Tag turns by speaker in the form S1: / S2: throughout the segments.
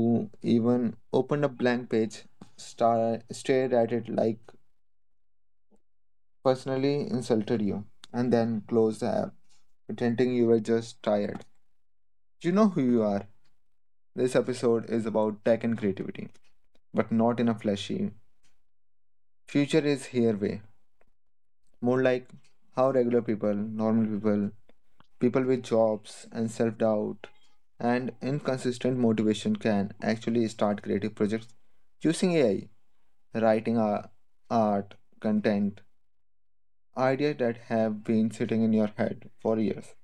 S1: who even opened a blank page, stared at it like personally insulted you, and then closed the app, pretending you were just tired. You know who you are. This episode is about tech and creativity, but not in a flashy future is here way. More like how regular people, normal people, people with jobs and self doubt and inconsistent motivation can actually start creative projects using AI, writing art, content, ideas that have been sitting in your head for years.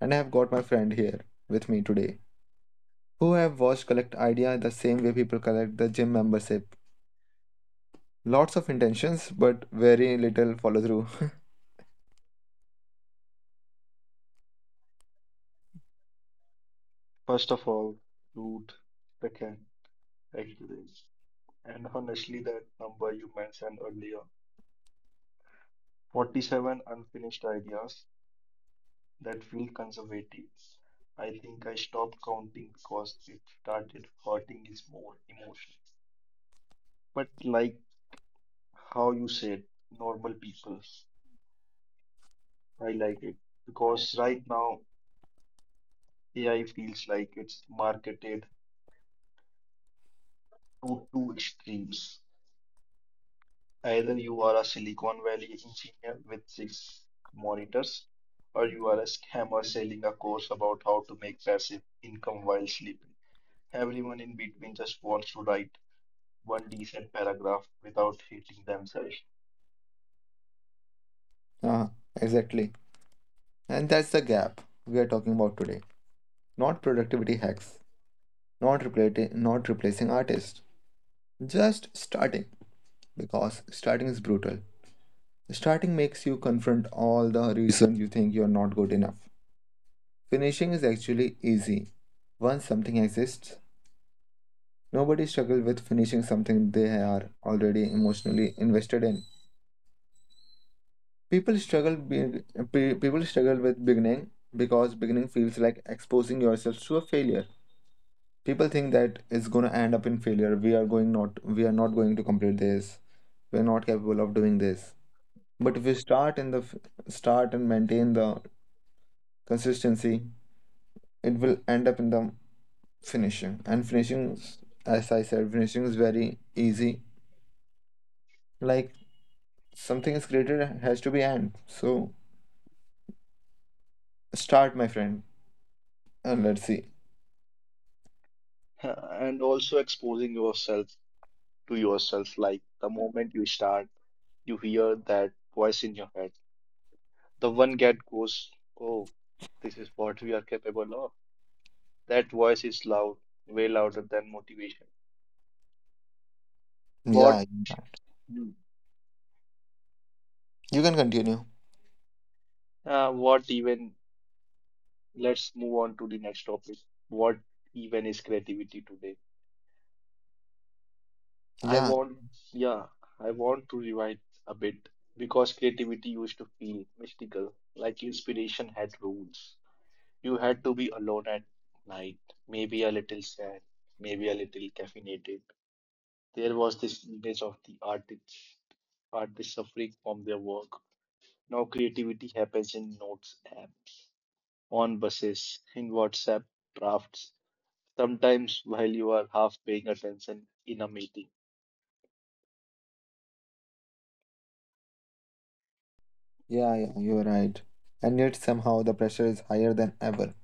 S1: And I have got my friend here with me today who have watched collect idea the same way people collect the gym membership. Lots of intentions, but very little follow through.
S2: First of all, root. Second, experience. And honestly, that number you mentioned earlier, 47 unfinished ideas, that feel conservative. I think I stopped counting because it started hurting his more emotion. But like how you said, normal people, I like it because right now AI feels like it's marketed to two extremes. Either you are a Silicon Valley engineer with six monitors, or you are a scammer selling a course about how to make passive income while sleeping. Everyone in between just wants to write one decent paragraph without hating themselves.
S1: Ah, exactly. And that's the gap we are talking about today. Not productivity hacks, not replacing artists, just starting because starting is brutal. Starting makes you confront all the reason you think you're not good enough. Finishing is actually easy. Once something exists, nobody struggles with finishing something they are already emotionally invested in. People struggle people struggle with beginning because beginning feels like exposing yourself to a failure. People think that it's going to end up in failure. We are going not we are not going to complete this, we're not capable of doing this. But if you start in the f- start and maintain the consistency, it will end up in the finishing. And finishing, as I said, finishing is very easy. Like something is created has to be end. So start, my friend, and let's see.
S2: And also exposing yourself to yourself, like the moment you start, you hear that voice in your head. The one that goes, "Oh, this is what we are capable of." That voice is loud, way louder than motivation. What
S1: Yeah, you can continue.
S2: what even? Let's move on to the next topic. What even is creativity today? I
S1: yeah
S2: want, yeah, I want to rewind a bit because creativity used to feel mystical, like inspiration had rules. You had to be alone at night, maybe a little sad, maybe a little caffeinated. There was this image of the artists, suffering from their work. Now creativity happens in notes app, on buses, in WhatsApp drafts, sometimes while you are half paying attention in a meeting.
S1: yeah yeah you're right. And yet somehow the pressure is higher than ever.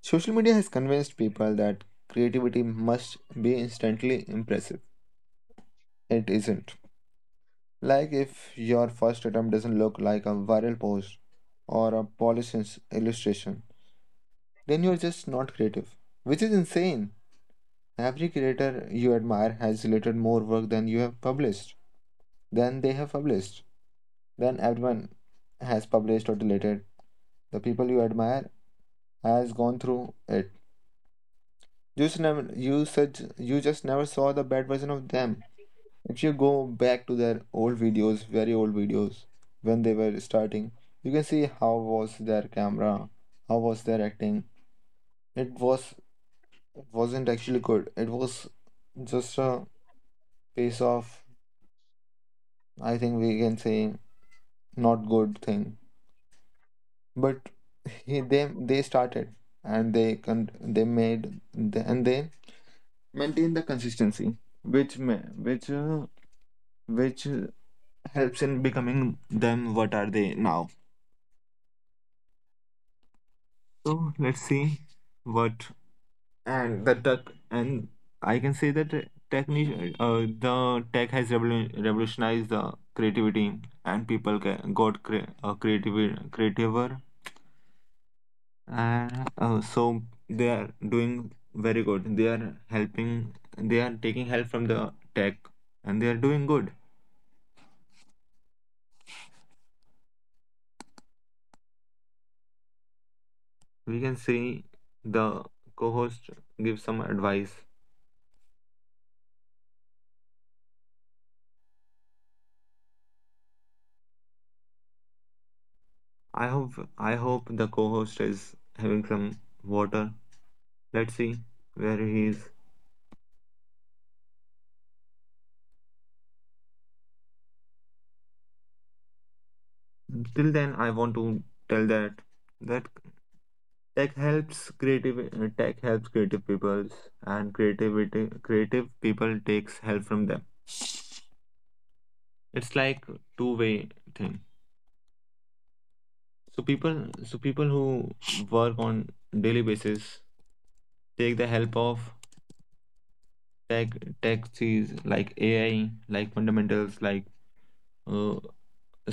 S1: Social media has convinced people that creativity must be instantly impressive. It isn't. Like if your first attempt doesn't look like a viral post or a polished illustration, then you're just not creative, which is insane. Every creator you admire has related more work than you have published, than they have published, than everyone has published or deleted. The people you admire has gone through it. You just never, you just never saw the bad version of them. If you go back to their old videos, very old videos, when they were starting, you can see how was their camera, how was their acting. It was it wasn't actually good. It was just a piece of, I think we can say, not good thing. But they started and they they made the, and they maintained the consistency, which which uh, helps in becoming them what are they now. So let's see what and the tech. And I can say that the tech has revolutionized the creativity and people creative creativer and so they are doing very good. They are helping. They are taking help from the tech and they are doing good. We can see the co-host give some advice. I hope I hope the co-host is having some water. Let's see where he is. Till then, I want to tell that that tech helps creative people, and creativity, creative people takes help from them. It's like two-way thing. So people so people who work on daily basis take the help of tech. Tech sees like AI, like fundamentals, like uh,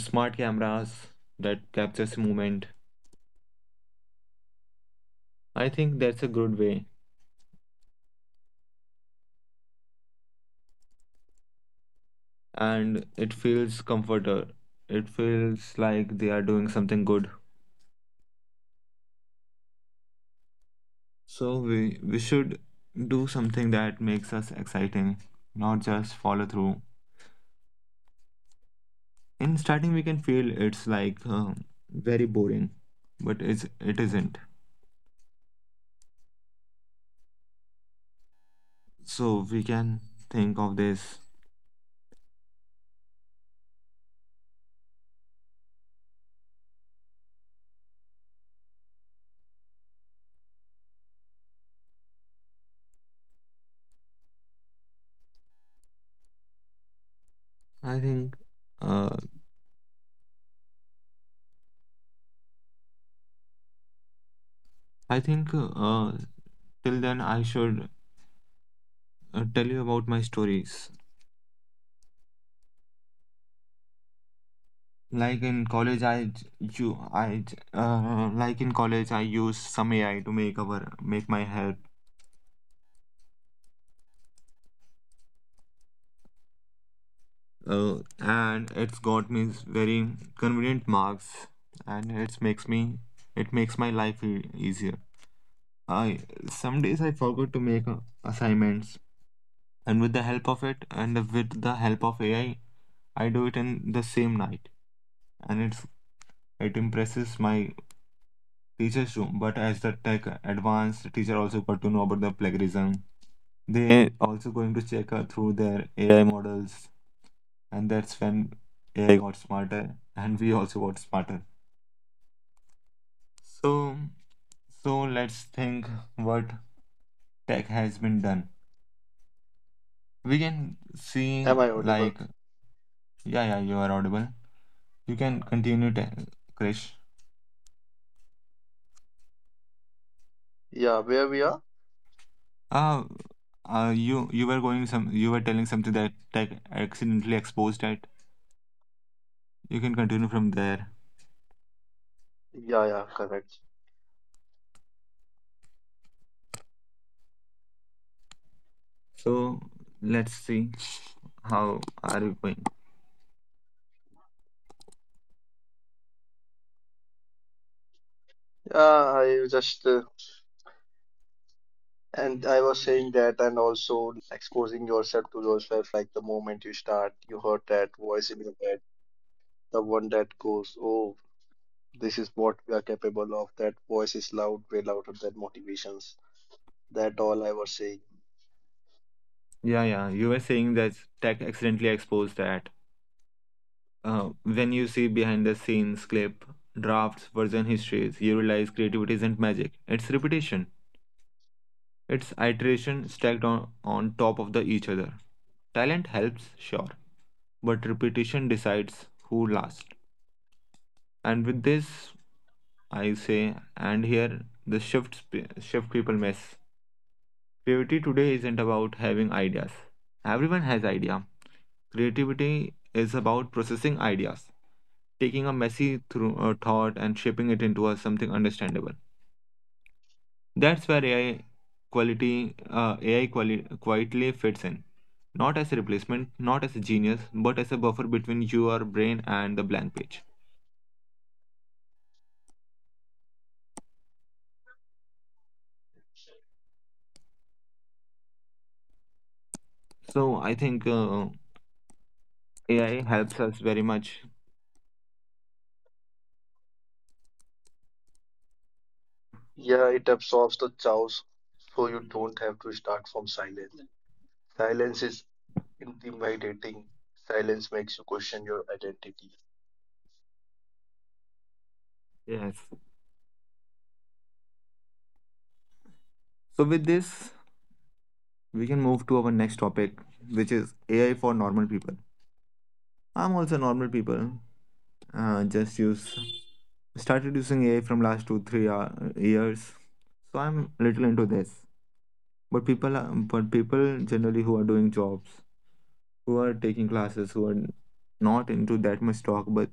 S1: smart cameras that captures movement. I think that's a good way and it feels comforter. It feels like they are doing something good. So we should do something that makes us exciting, not just follow through. In starting, we can feel it's like very boring, but it isn't. So we can think of this. I think. Uh, I think uh, till then I should tell you about my stories. Like in college, I you I like in college I use some AI to make my help, and it's got me very convenient marks, and it makes my life easier. I some days I forgot to make assignments, and with the help of it, with the help of AI, I do it in the same night, and it impresses my teachers too. But as the tech advanced, teacher also got to know about the plagiarism. They also going to check through their AI models, and that's when AI got smarter, and we also got smarter. So, so let's think what tech has been done. We can see.
S2: Am I audible?
S1: Like yeah, yeah, you are audible. You can continue, Krish.
S2: Yeah, where we are?
S1: Uh, you were going some, you were telling something that tech accidentally exposed at. You can continue from there.
S2: Yeah, yeah, correct.
S1: So let's see how are we going.
S2: Yeah, I just and I was saying that, and also exposing yourself to yourself. Like the moment you start, you heard that voice in your head, the one that goes, "Oh, this is what we are capable of." That voice is loud, way louder than motivations. That all I was saying.
S1: Yeah, yeah. You were saying that tech accidentally exposed that. When you see behind the scenes clip, drafts, version histories, you realize creativity isn't magic. It's repetition. It's iteration stacked on top of the each other. Talent helps, sure, but repetition decides who lasts. And with this, I say, and here the shift people miss. Creativity today isn't about having ideas. Everyone has idea. Creativity is about processing ideas, taking a messy thought and shaping it something understandable. That's where AI quietly fits in. Not as a replacement, not as a genius, but as a buffer between your brain and the blank page. So I think AI helps us very much.
S2: Yeah, it absorbs the chaos, so you don't have to start from silence. Silence is intimidating. Silence makes you question your identity.
S1: Yes. So with this, we can move to our next topic, which is AI for normal people. I'm also normal people. Just use started using AI from last two three years, so I'm little into this. But people generally who are doing jobs, who are taking classes, who are not into that much talk, but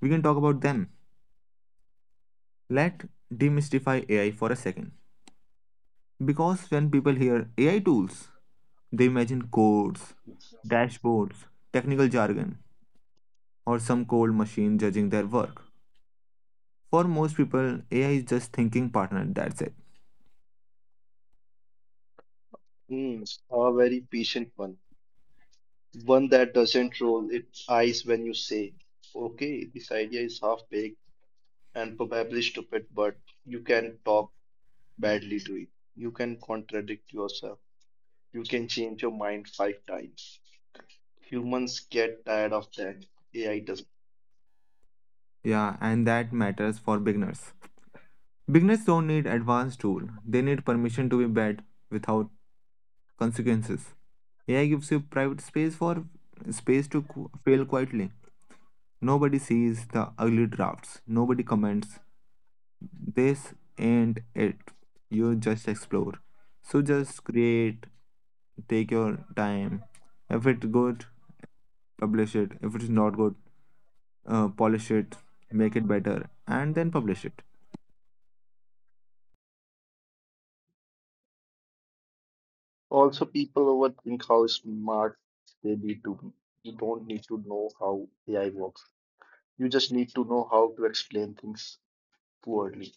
S1: we can talk about them. Let demystify AI for a second, because when people hear AI tools, they imagine codes, dashboards, technical jargon or some cold machine judging their work. For most people, AI is just thinking partner, that's it.
S2: Hmm, a very patient one, one that doesn't roll its eyes when you say, okay, this idea is half baked and probably stupid, but you can talk badly to it. You can contradict yourself. You can change your mind five times. Humans get tired of that. AI doesn't.
S1: Yeah, and that matters for beginners. Beginners don't need advanced tool. They need permission to be bad without consequences. AI gives you private space for space to fail quietly. Nobody sees the ugly drafts. Nobody comments. This ain't it. You just explore. So just create, take your time. If it's good, publish it. If it is not good, polish it, make it better, and then publish it.
S2: Also, people overthink how smart they need to be. You don't need to know how AI works. You just need to know how to explain things poorly.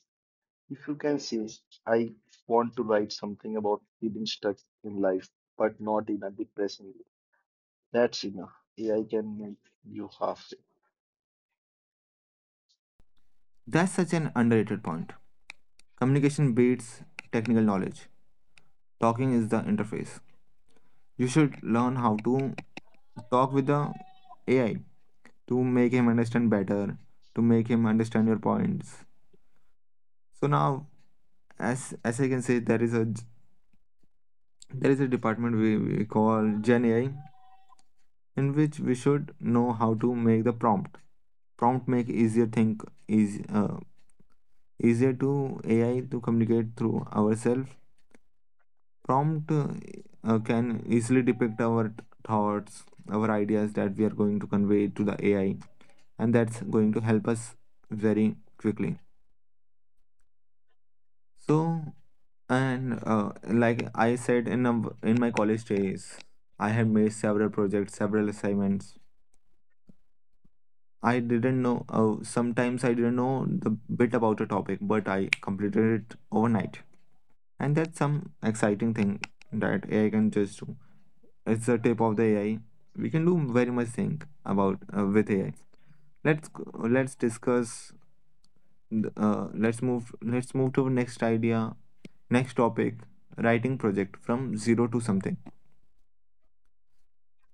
S2: If you can say, I want to write something about feeling stuck in life, but not in a depressing way, that's enough. AI can meet you halfway.
S1: That's such an underrated point. Communication beats technical knowledge. Talking is the interface. You should learn how to talk with the AI to make him understand better, to make him understand your points. So now, as I can say, there is a department we call Gen AI in which we should know how to make the prompt. Prompt make easier think is easier to AI to communicate through ourselves. Prompt can easily depict our thoughts, our ideas that we are going to convey to the AI, and that's going to help us very quickly. So and like I said in a, in my college days, I have made several projects, several assignments, I didn't know. Sometimes I didn't know the bit about a topic, but I completed it overnight. And that's some exciting thing that AI can just do. It's the tip of the AI. We can do very much thing about with AI. Let's g- let's discuss. Let's move. Let's move to next idea. Next topic: writing project from zero to something.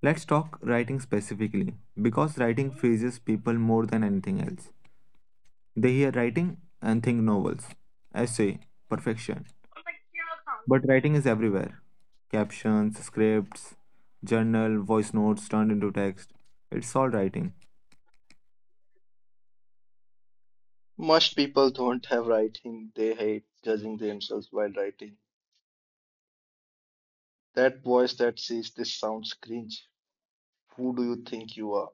S1: Let's talk writing specifically because writing freezes people more than anything else. They hear writing and think novels, essay, perfection. But writing is everywhere captions, scripts, journal, voice notes turned into text. It's all writing.
S2: Most people don't have writing, they hate judging themselves while writing. That voice that says this sounds cringe, who do you think you are?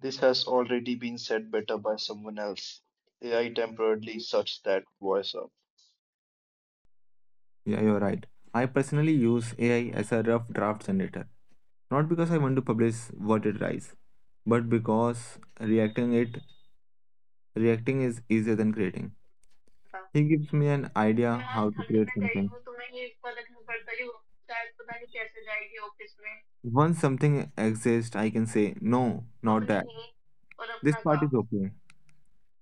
S2: This has already been said better by someone else. AI temporarily sucks that voice up.
S1: Yeah, you're right. I personally use AI as a rough draft generator. Not because I want to publish what it writes, but because reacting is easier than creating. He gives me an idea how to create something. Once something exists, I can say, no, not
S2: अपनी
S1: that.
S2: नींद और
S1: This
S2: अपना
S1: part is
S2: काम
S1: okay.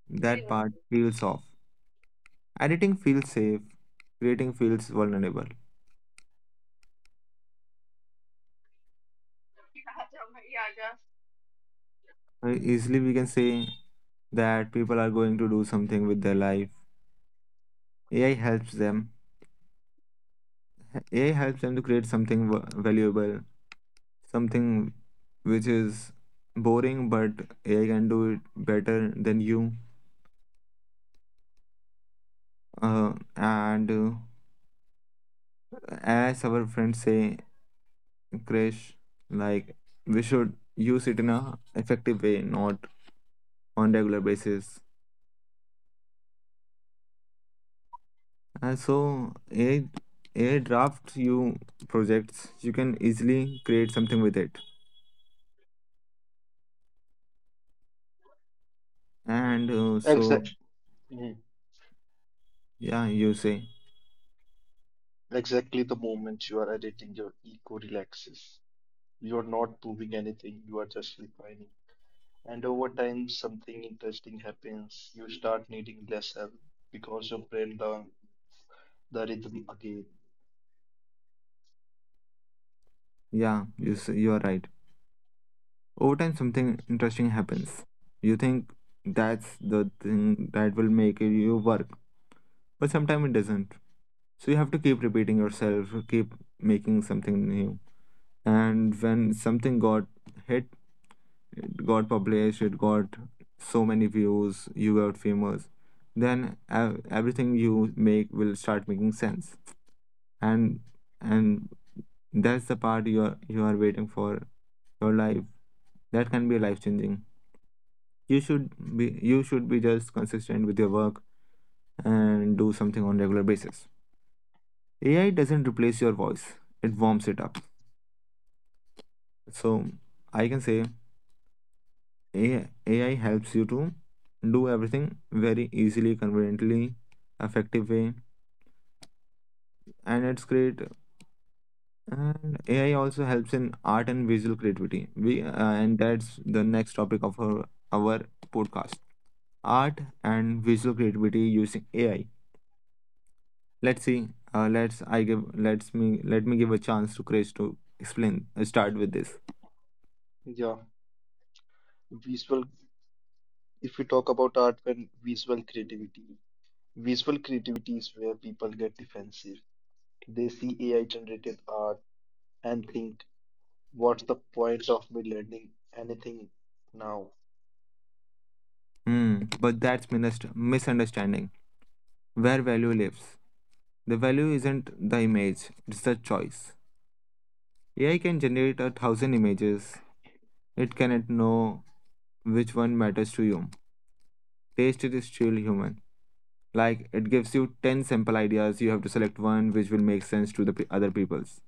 S1: That part feels off. Editing feels safe, creating feels vulnerable.
S2: आजा राजा.
S1: Easily, we can say that people are going to do something with their life. AI helps them. AI helps them to create something valuable, something which is boring, but AI can do it better than you. And as our friends say, Krish, like we should use it in a effective way, not on regular basis. And so a draft you projects you can easily create something with it. And so
S2: Exact, mm,
S1: yeah, you say,
S2: exactly, the moment you are editing, your ego relaxes. You are not proving anything, you are just refining. And over time, something interesting happens. You start needing less help because your brain learns the rhythm again.
S1: yeah, you say, you are right. Over time, something interesting happens. You think that's the thing that will make you work, but sometimes it doesn't. So you have to keep repeating yourself, keep making something new. And when something got hit, it got published, it got so many views, you got famous, then everything you make will start making sense, and and that's the part you are waiting for your life, that can be life changing. You should be you should be just consistent with your work and do something on regular basis. AI doesn't replace your voice, it warms it up. So I can say AI helps you to do everything very easily, conveniently, effective way, and it's great. And AI also helps in art and visual creativity. We and that's the next topic of our podcast: art and visual creativity using AI. Let's see. Let's I give let's me let me give a chance to Chris to explain. Start with this.
S2: Yeah, visual. If we talk about art and visual creativity is where people get defensive. They see AI generated art and think, what's the point of me learning anything now?
S1: Hmm. But that's misunderstanding where value lives. The value isn't the image, it's the choice. AI can generate 1,000 images. It cannot know which one matters to you. Taste is still human. Like it gives you 10 sample ideas, you have to select one which will make sense to the other people's.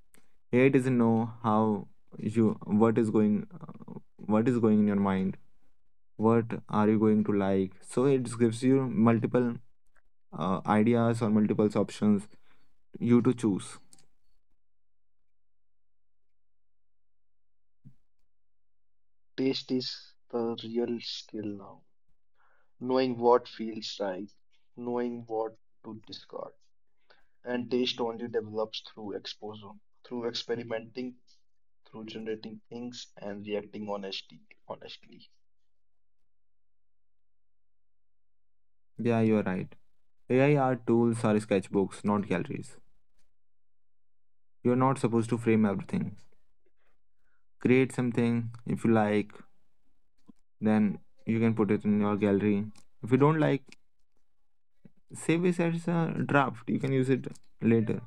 S1: AI doesn't know how you what is going uh, what is going in your mind. What are you going to like? So it gives you multiple ideas or multiple options you to choose.
S2: Taste is the real skill now. Knowing what feels right, knowing what to discard. And taste only develops through exposure, through experimenting, through generating things and reacting honestly.
S1: Yeah, you're right. AI art tools are sketchbooks, not galleries. You're not supposed to frame everything. Create something if you like, then you can put it in your gallery. If you don't like, save it as a draft. You can use it later.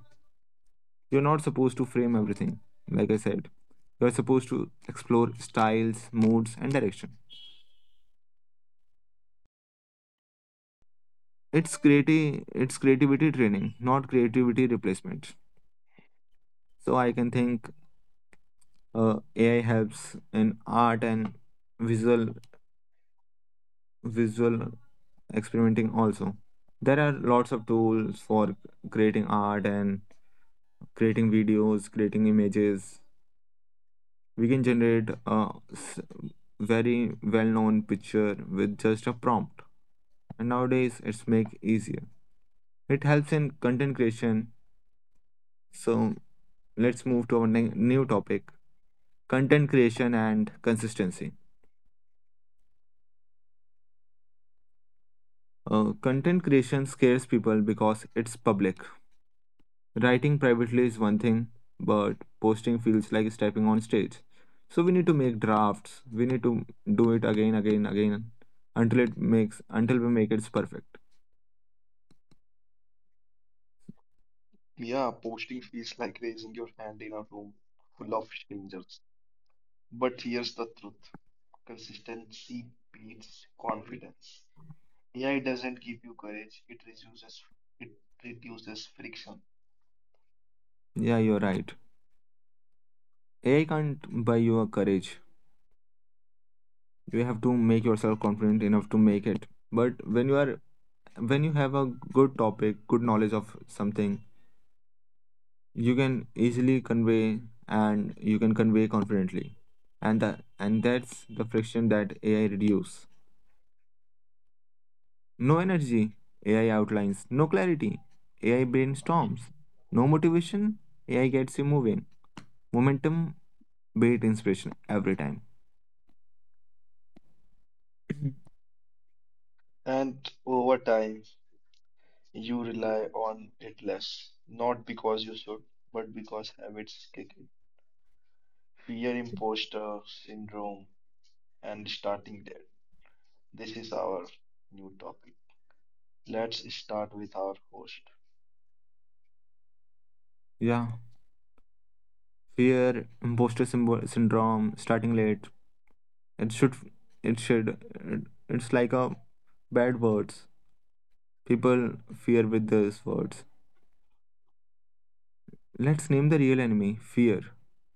S1: You're not supposed to frame everything, like I said. You're supposed to explore styles, moods, and direction. It's creative. It's creativity training, not creativity replacement. So I can think, AI helps in art and visual visual experimenting also. There are lots of tools for creating art and creating videos, creating images. We can generate a very well-known picture with just a prompt. And nowadays it's make easier. It helps in content creation. So let's move to our new topic: content creation and consistency. Content creation scares people because it's public. Writing privately is one thing, but posting feels like stepping on stage. So we need to make drafts. We need to do it again, again, again until we make it perfect.
S2: Yeah, posting feels like raising your hand in a room full of strangers. But here's the truth. Consistency beats confidence. AI doesn't give you courage. It reduces friction.
S1: Yeah, you're right. AI can't buy you a courage. You have to make yourself confident enough to make it. But when you have a good topic, good knowledge of something, you can easily convey and you can convey confidently. And that's the friction that AI reduce. No energy, AI outlines. No clarity, AI brainstorms. No motivation, AI gets you moving. Momentum beat inspiration every time.
S2: And over time, you rely on it less, not because you should, but because habits kick in. Fear, imposter syndrome, and starting there. This is our new topic. Let's start with our host.
S1: Yeah, fear, imposter syndrome, starting late. It should, it should, it- it's like a bad words. People fear with those words. Let's name the real enemy fear.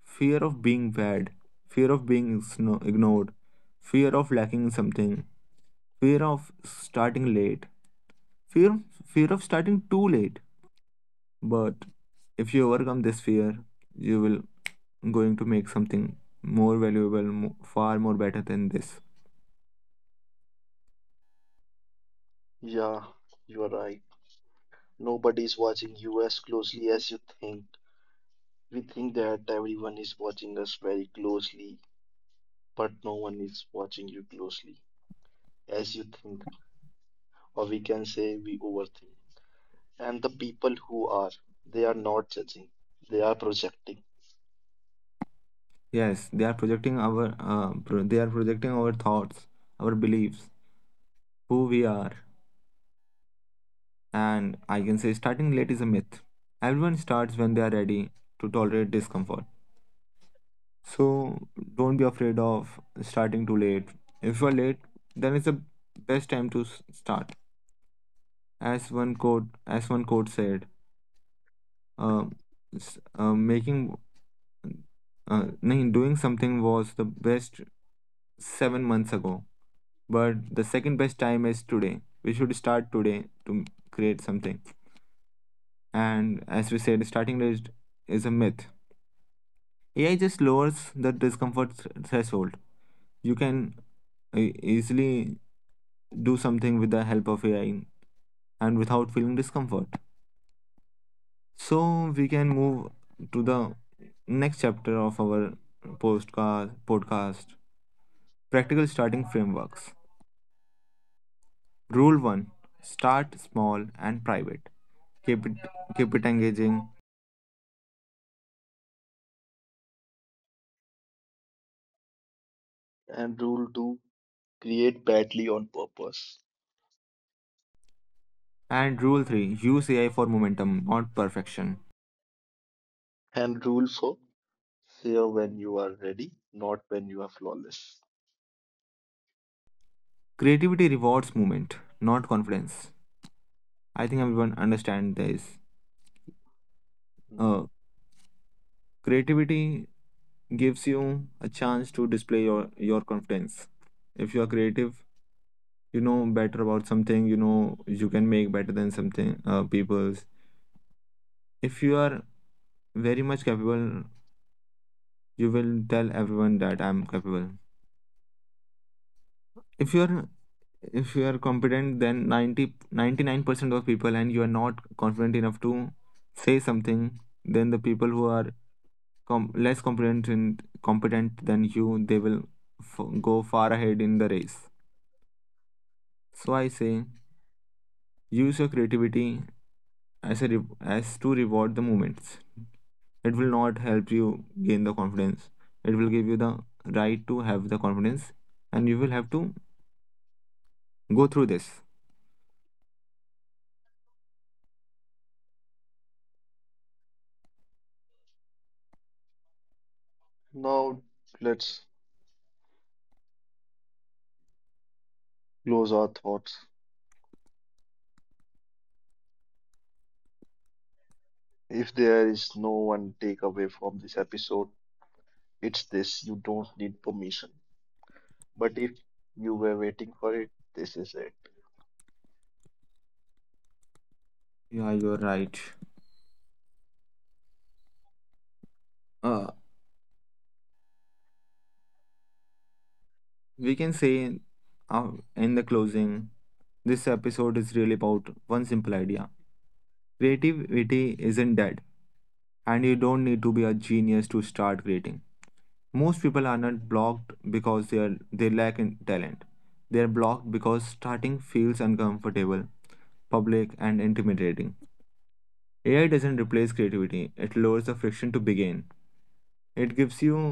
S1: Fear of being bad, fear of being ignored, fear of lacking something, fear of starting late, fear fear of starting too late. But if you overcome this fear, you will going to make something more valuable, far more better than this.
S2: Yeah, you are right. Nobody's watching you as closely as you think. We think that everyone is watching us very closely, but no one is watching you closely as you think, or we can say we overthink. And the people who are, they are not judging, they are projecting.
S1: Yes, they are projecting our thoughts, our beliefs, who we are. And I can say starting late is a myth. Everyone starts when they are ready to tolerate discomfort. So don't be afraid of starting too late. If you are late, then it's the best time to start. As one quote said, uh, s- uh, making, doing something was the best 7 months ago, but the second best time is today. We should start today to create something. And as we said, starting late is a myth. AI just lowers the discomfort threshold. You can easily do something with the help of AI and without feeling discomfort. So we can move to the next chapter of our postcard podcast: practical starting frameworks. Rule 1: start small and private. Keep it keep it engaging.
S2: And rule two, create badly on purpose.
S1: And rule 3: use AI for momentum, not perfection.
S2: And rule four, fear when you are ready, not when you are flawless.
S1: Creativity rewards movement, not confidence. I think everyone understand this.
S2: Mm.
S1: Uh, creativity gives you a chance to display your confidence. If you are creative, you know better about something, you know you can make better than something people's. If you are very much capable, you will tell everyone that I'm capable. If you're if you are competent, then ninety nine percent of people and you are not confident enough to say something, then the people who are less competent and competent than you, they will go far ahead in the race. So I say, use your creativity as a re- as to reward the moments. It will not help you gain the confidence. It will give you the right to have the confidence, and you will have to go through this.
S2: Now, let's close our thoughts. If there is no one takeaway from this episode, it's this: you don't need permission. But if you were waiting for it, this is it.
S1: Yeah, you're right. Uh, we can say in the closing, this episode is really about one simple idea. Creativity isn't dead, and you don't need to be a genius to start creating. Most people are not blocked because they lack in talent. They are blocked because starting feels uncomfortable, public, and intimidating. AI doesn't replace creativity; it lowers the friction to begin. It gives you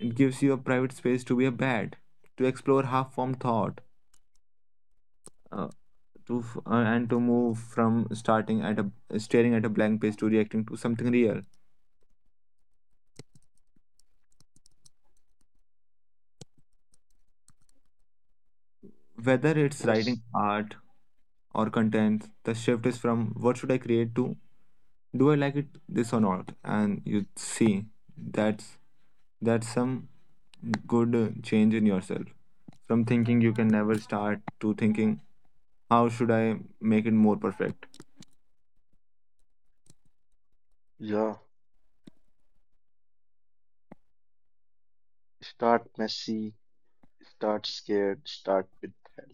S1: it gives you a private space to be a bad, to explore half-formed thought, uh, and to move from starting at a staring at a blank page to reacting to something real. Whether it's
S2: Yes.
S1: writing art or content, the shift is from what should I create to do I like it this or not? And you see, that's that's some good change in yourself from thinking you can never start to thinking how should I make it more perfect.
S2: Yeah. Start messy, start scared, start with help,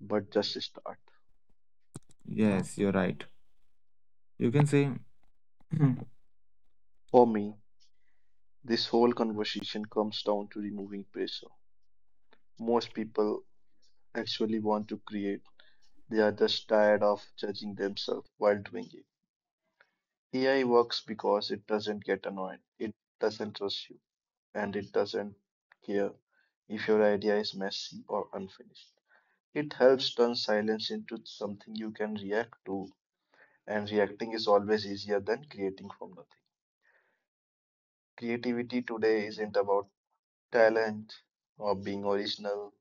S2: but just start.
S1: Yes, you're right. You can say
S2: For me, this whole conversation comes down to removing pressure. Most people actually want to create, they are just tired of judging themselves while doing it. AI works because it doesn't get annoyed, it doesn't rush you, and it doesn't care if your idea is messy or unfinished. It helps turn silence into something you can react to, and reacting is always easier than creating from nothing. Creativity today isn't about talent or being original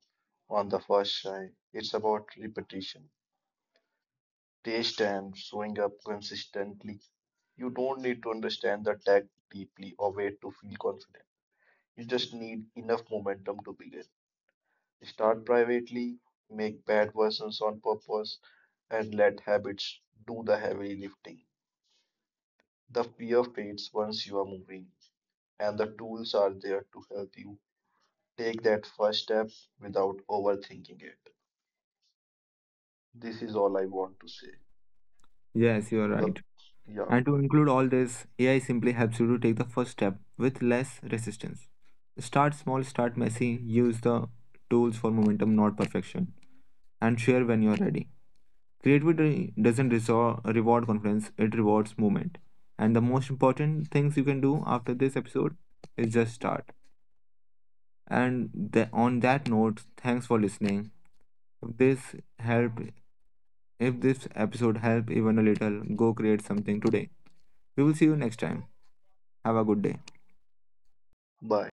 S2: on the first try, it's about repetition, taste, and showing up consistently. You don't need to understand the tech deeply or wait to feel confident. You just need enough momentum to begin. Start privately, make bad versions on purpose, and let habits do the heavy lifting. The fear fades once you are moving, and the tools are there to help you take that first step without overthinking it. This is all I want to say
S1: yes, you're
S2: to the
S1: right.
S2: yeah.
S1: And to include all this, AI simply helps you to take the first step with less resistance. Start small, start messy, use the tools for momentum, not perfection, and share when you're ready. Creativity doesn't reward confidence, it rewards movement. And the most important things you can do after this episode is just start. And on that note, thanks for listening. If this help, if this episode helped even a little, go create something today. We will see you next time. Have a good day.
S2: Bye.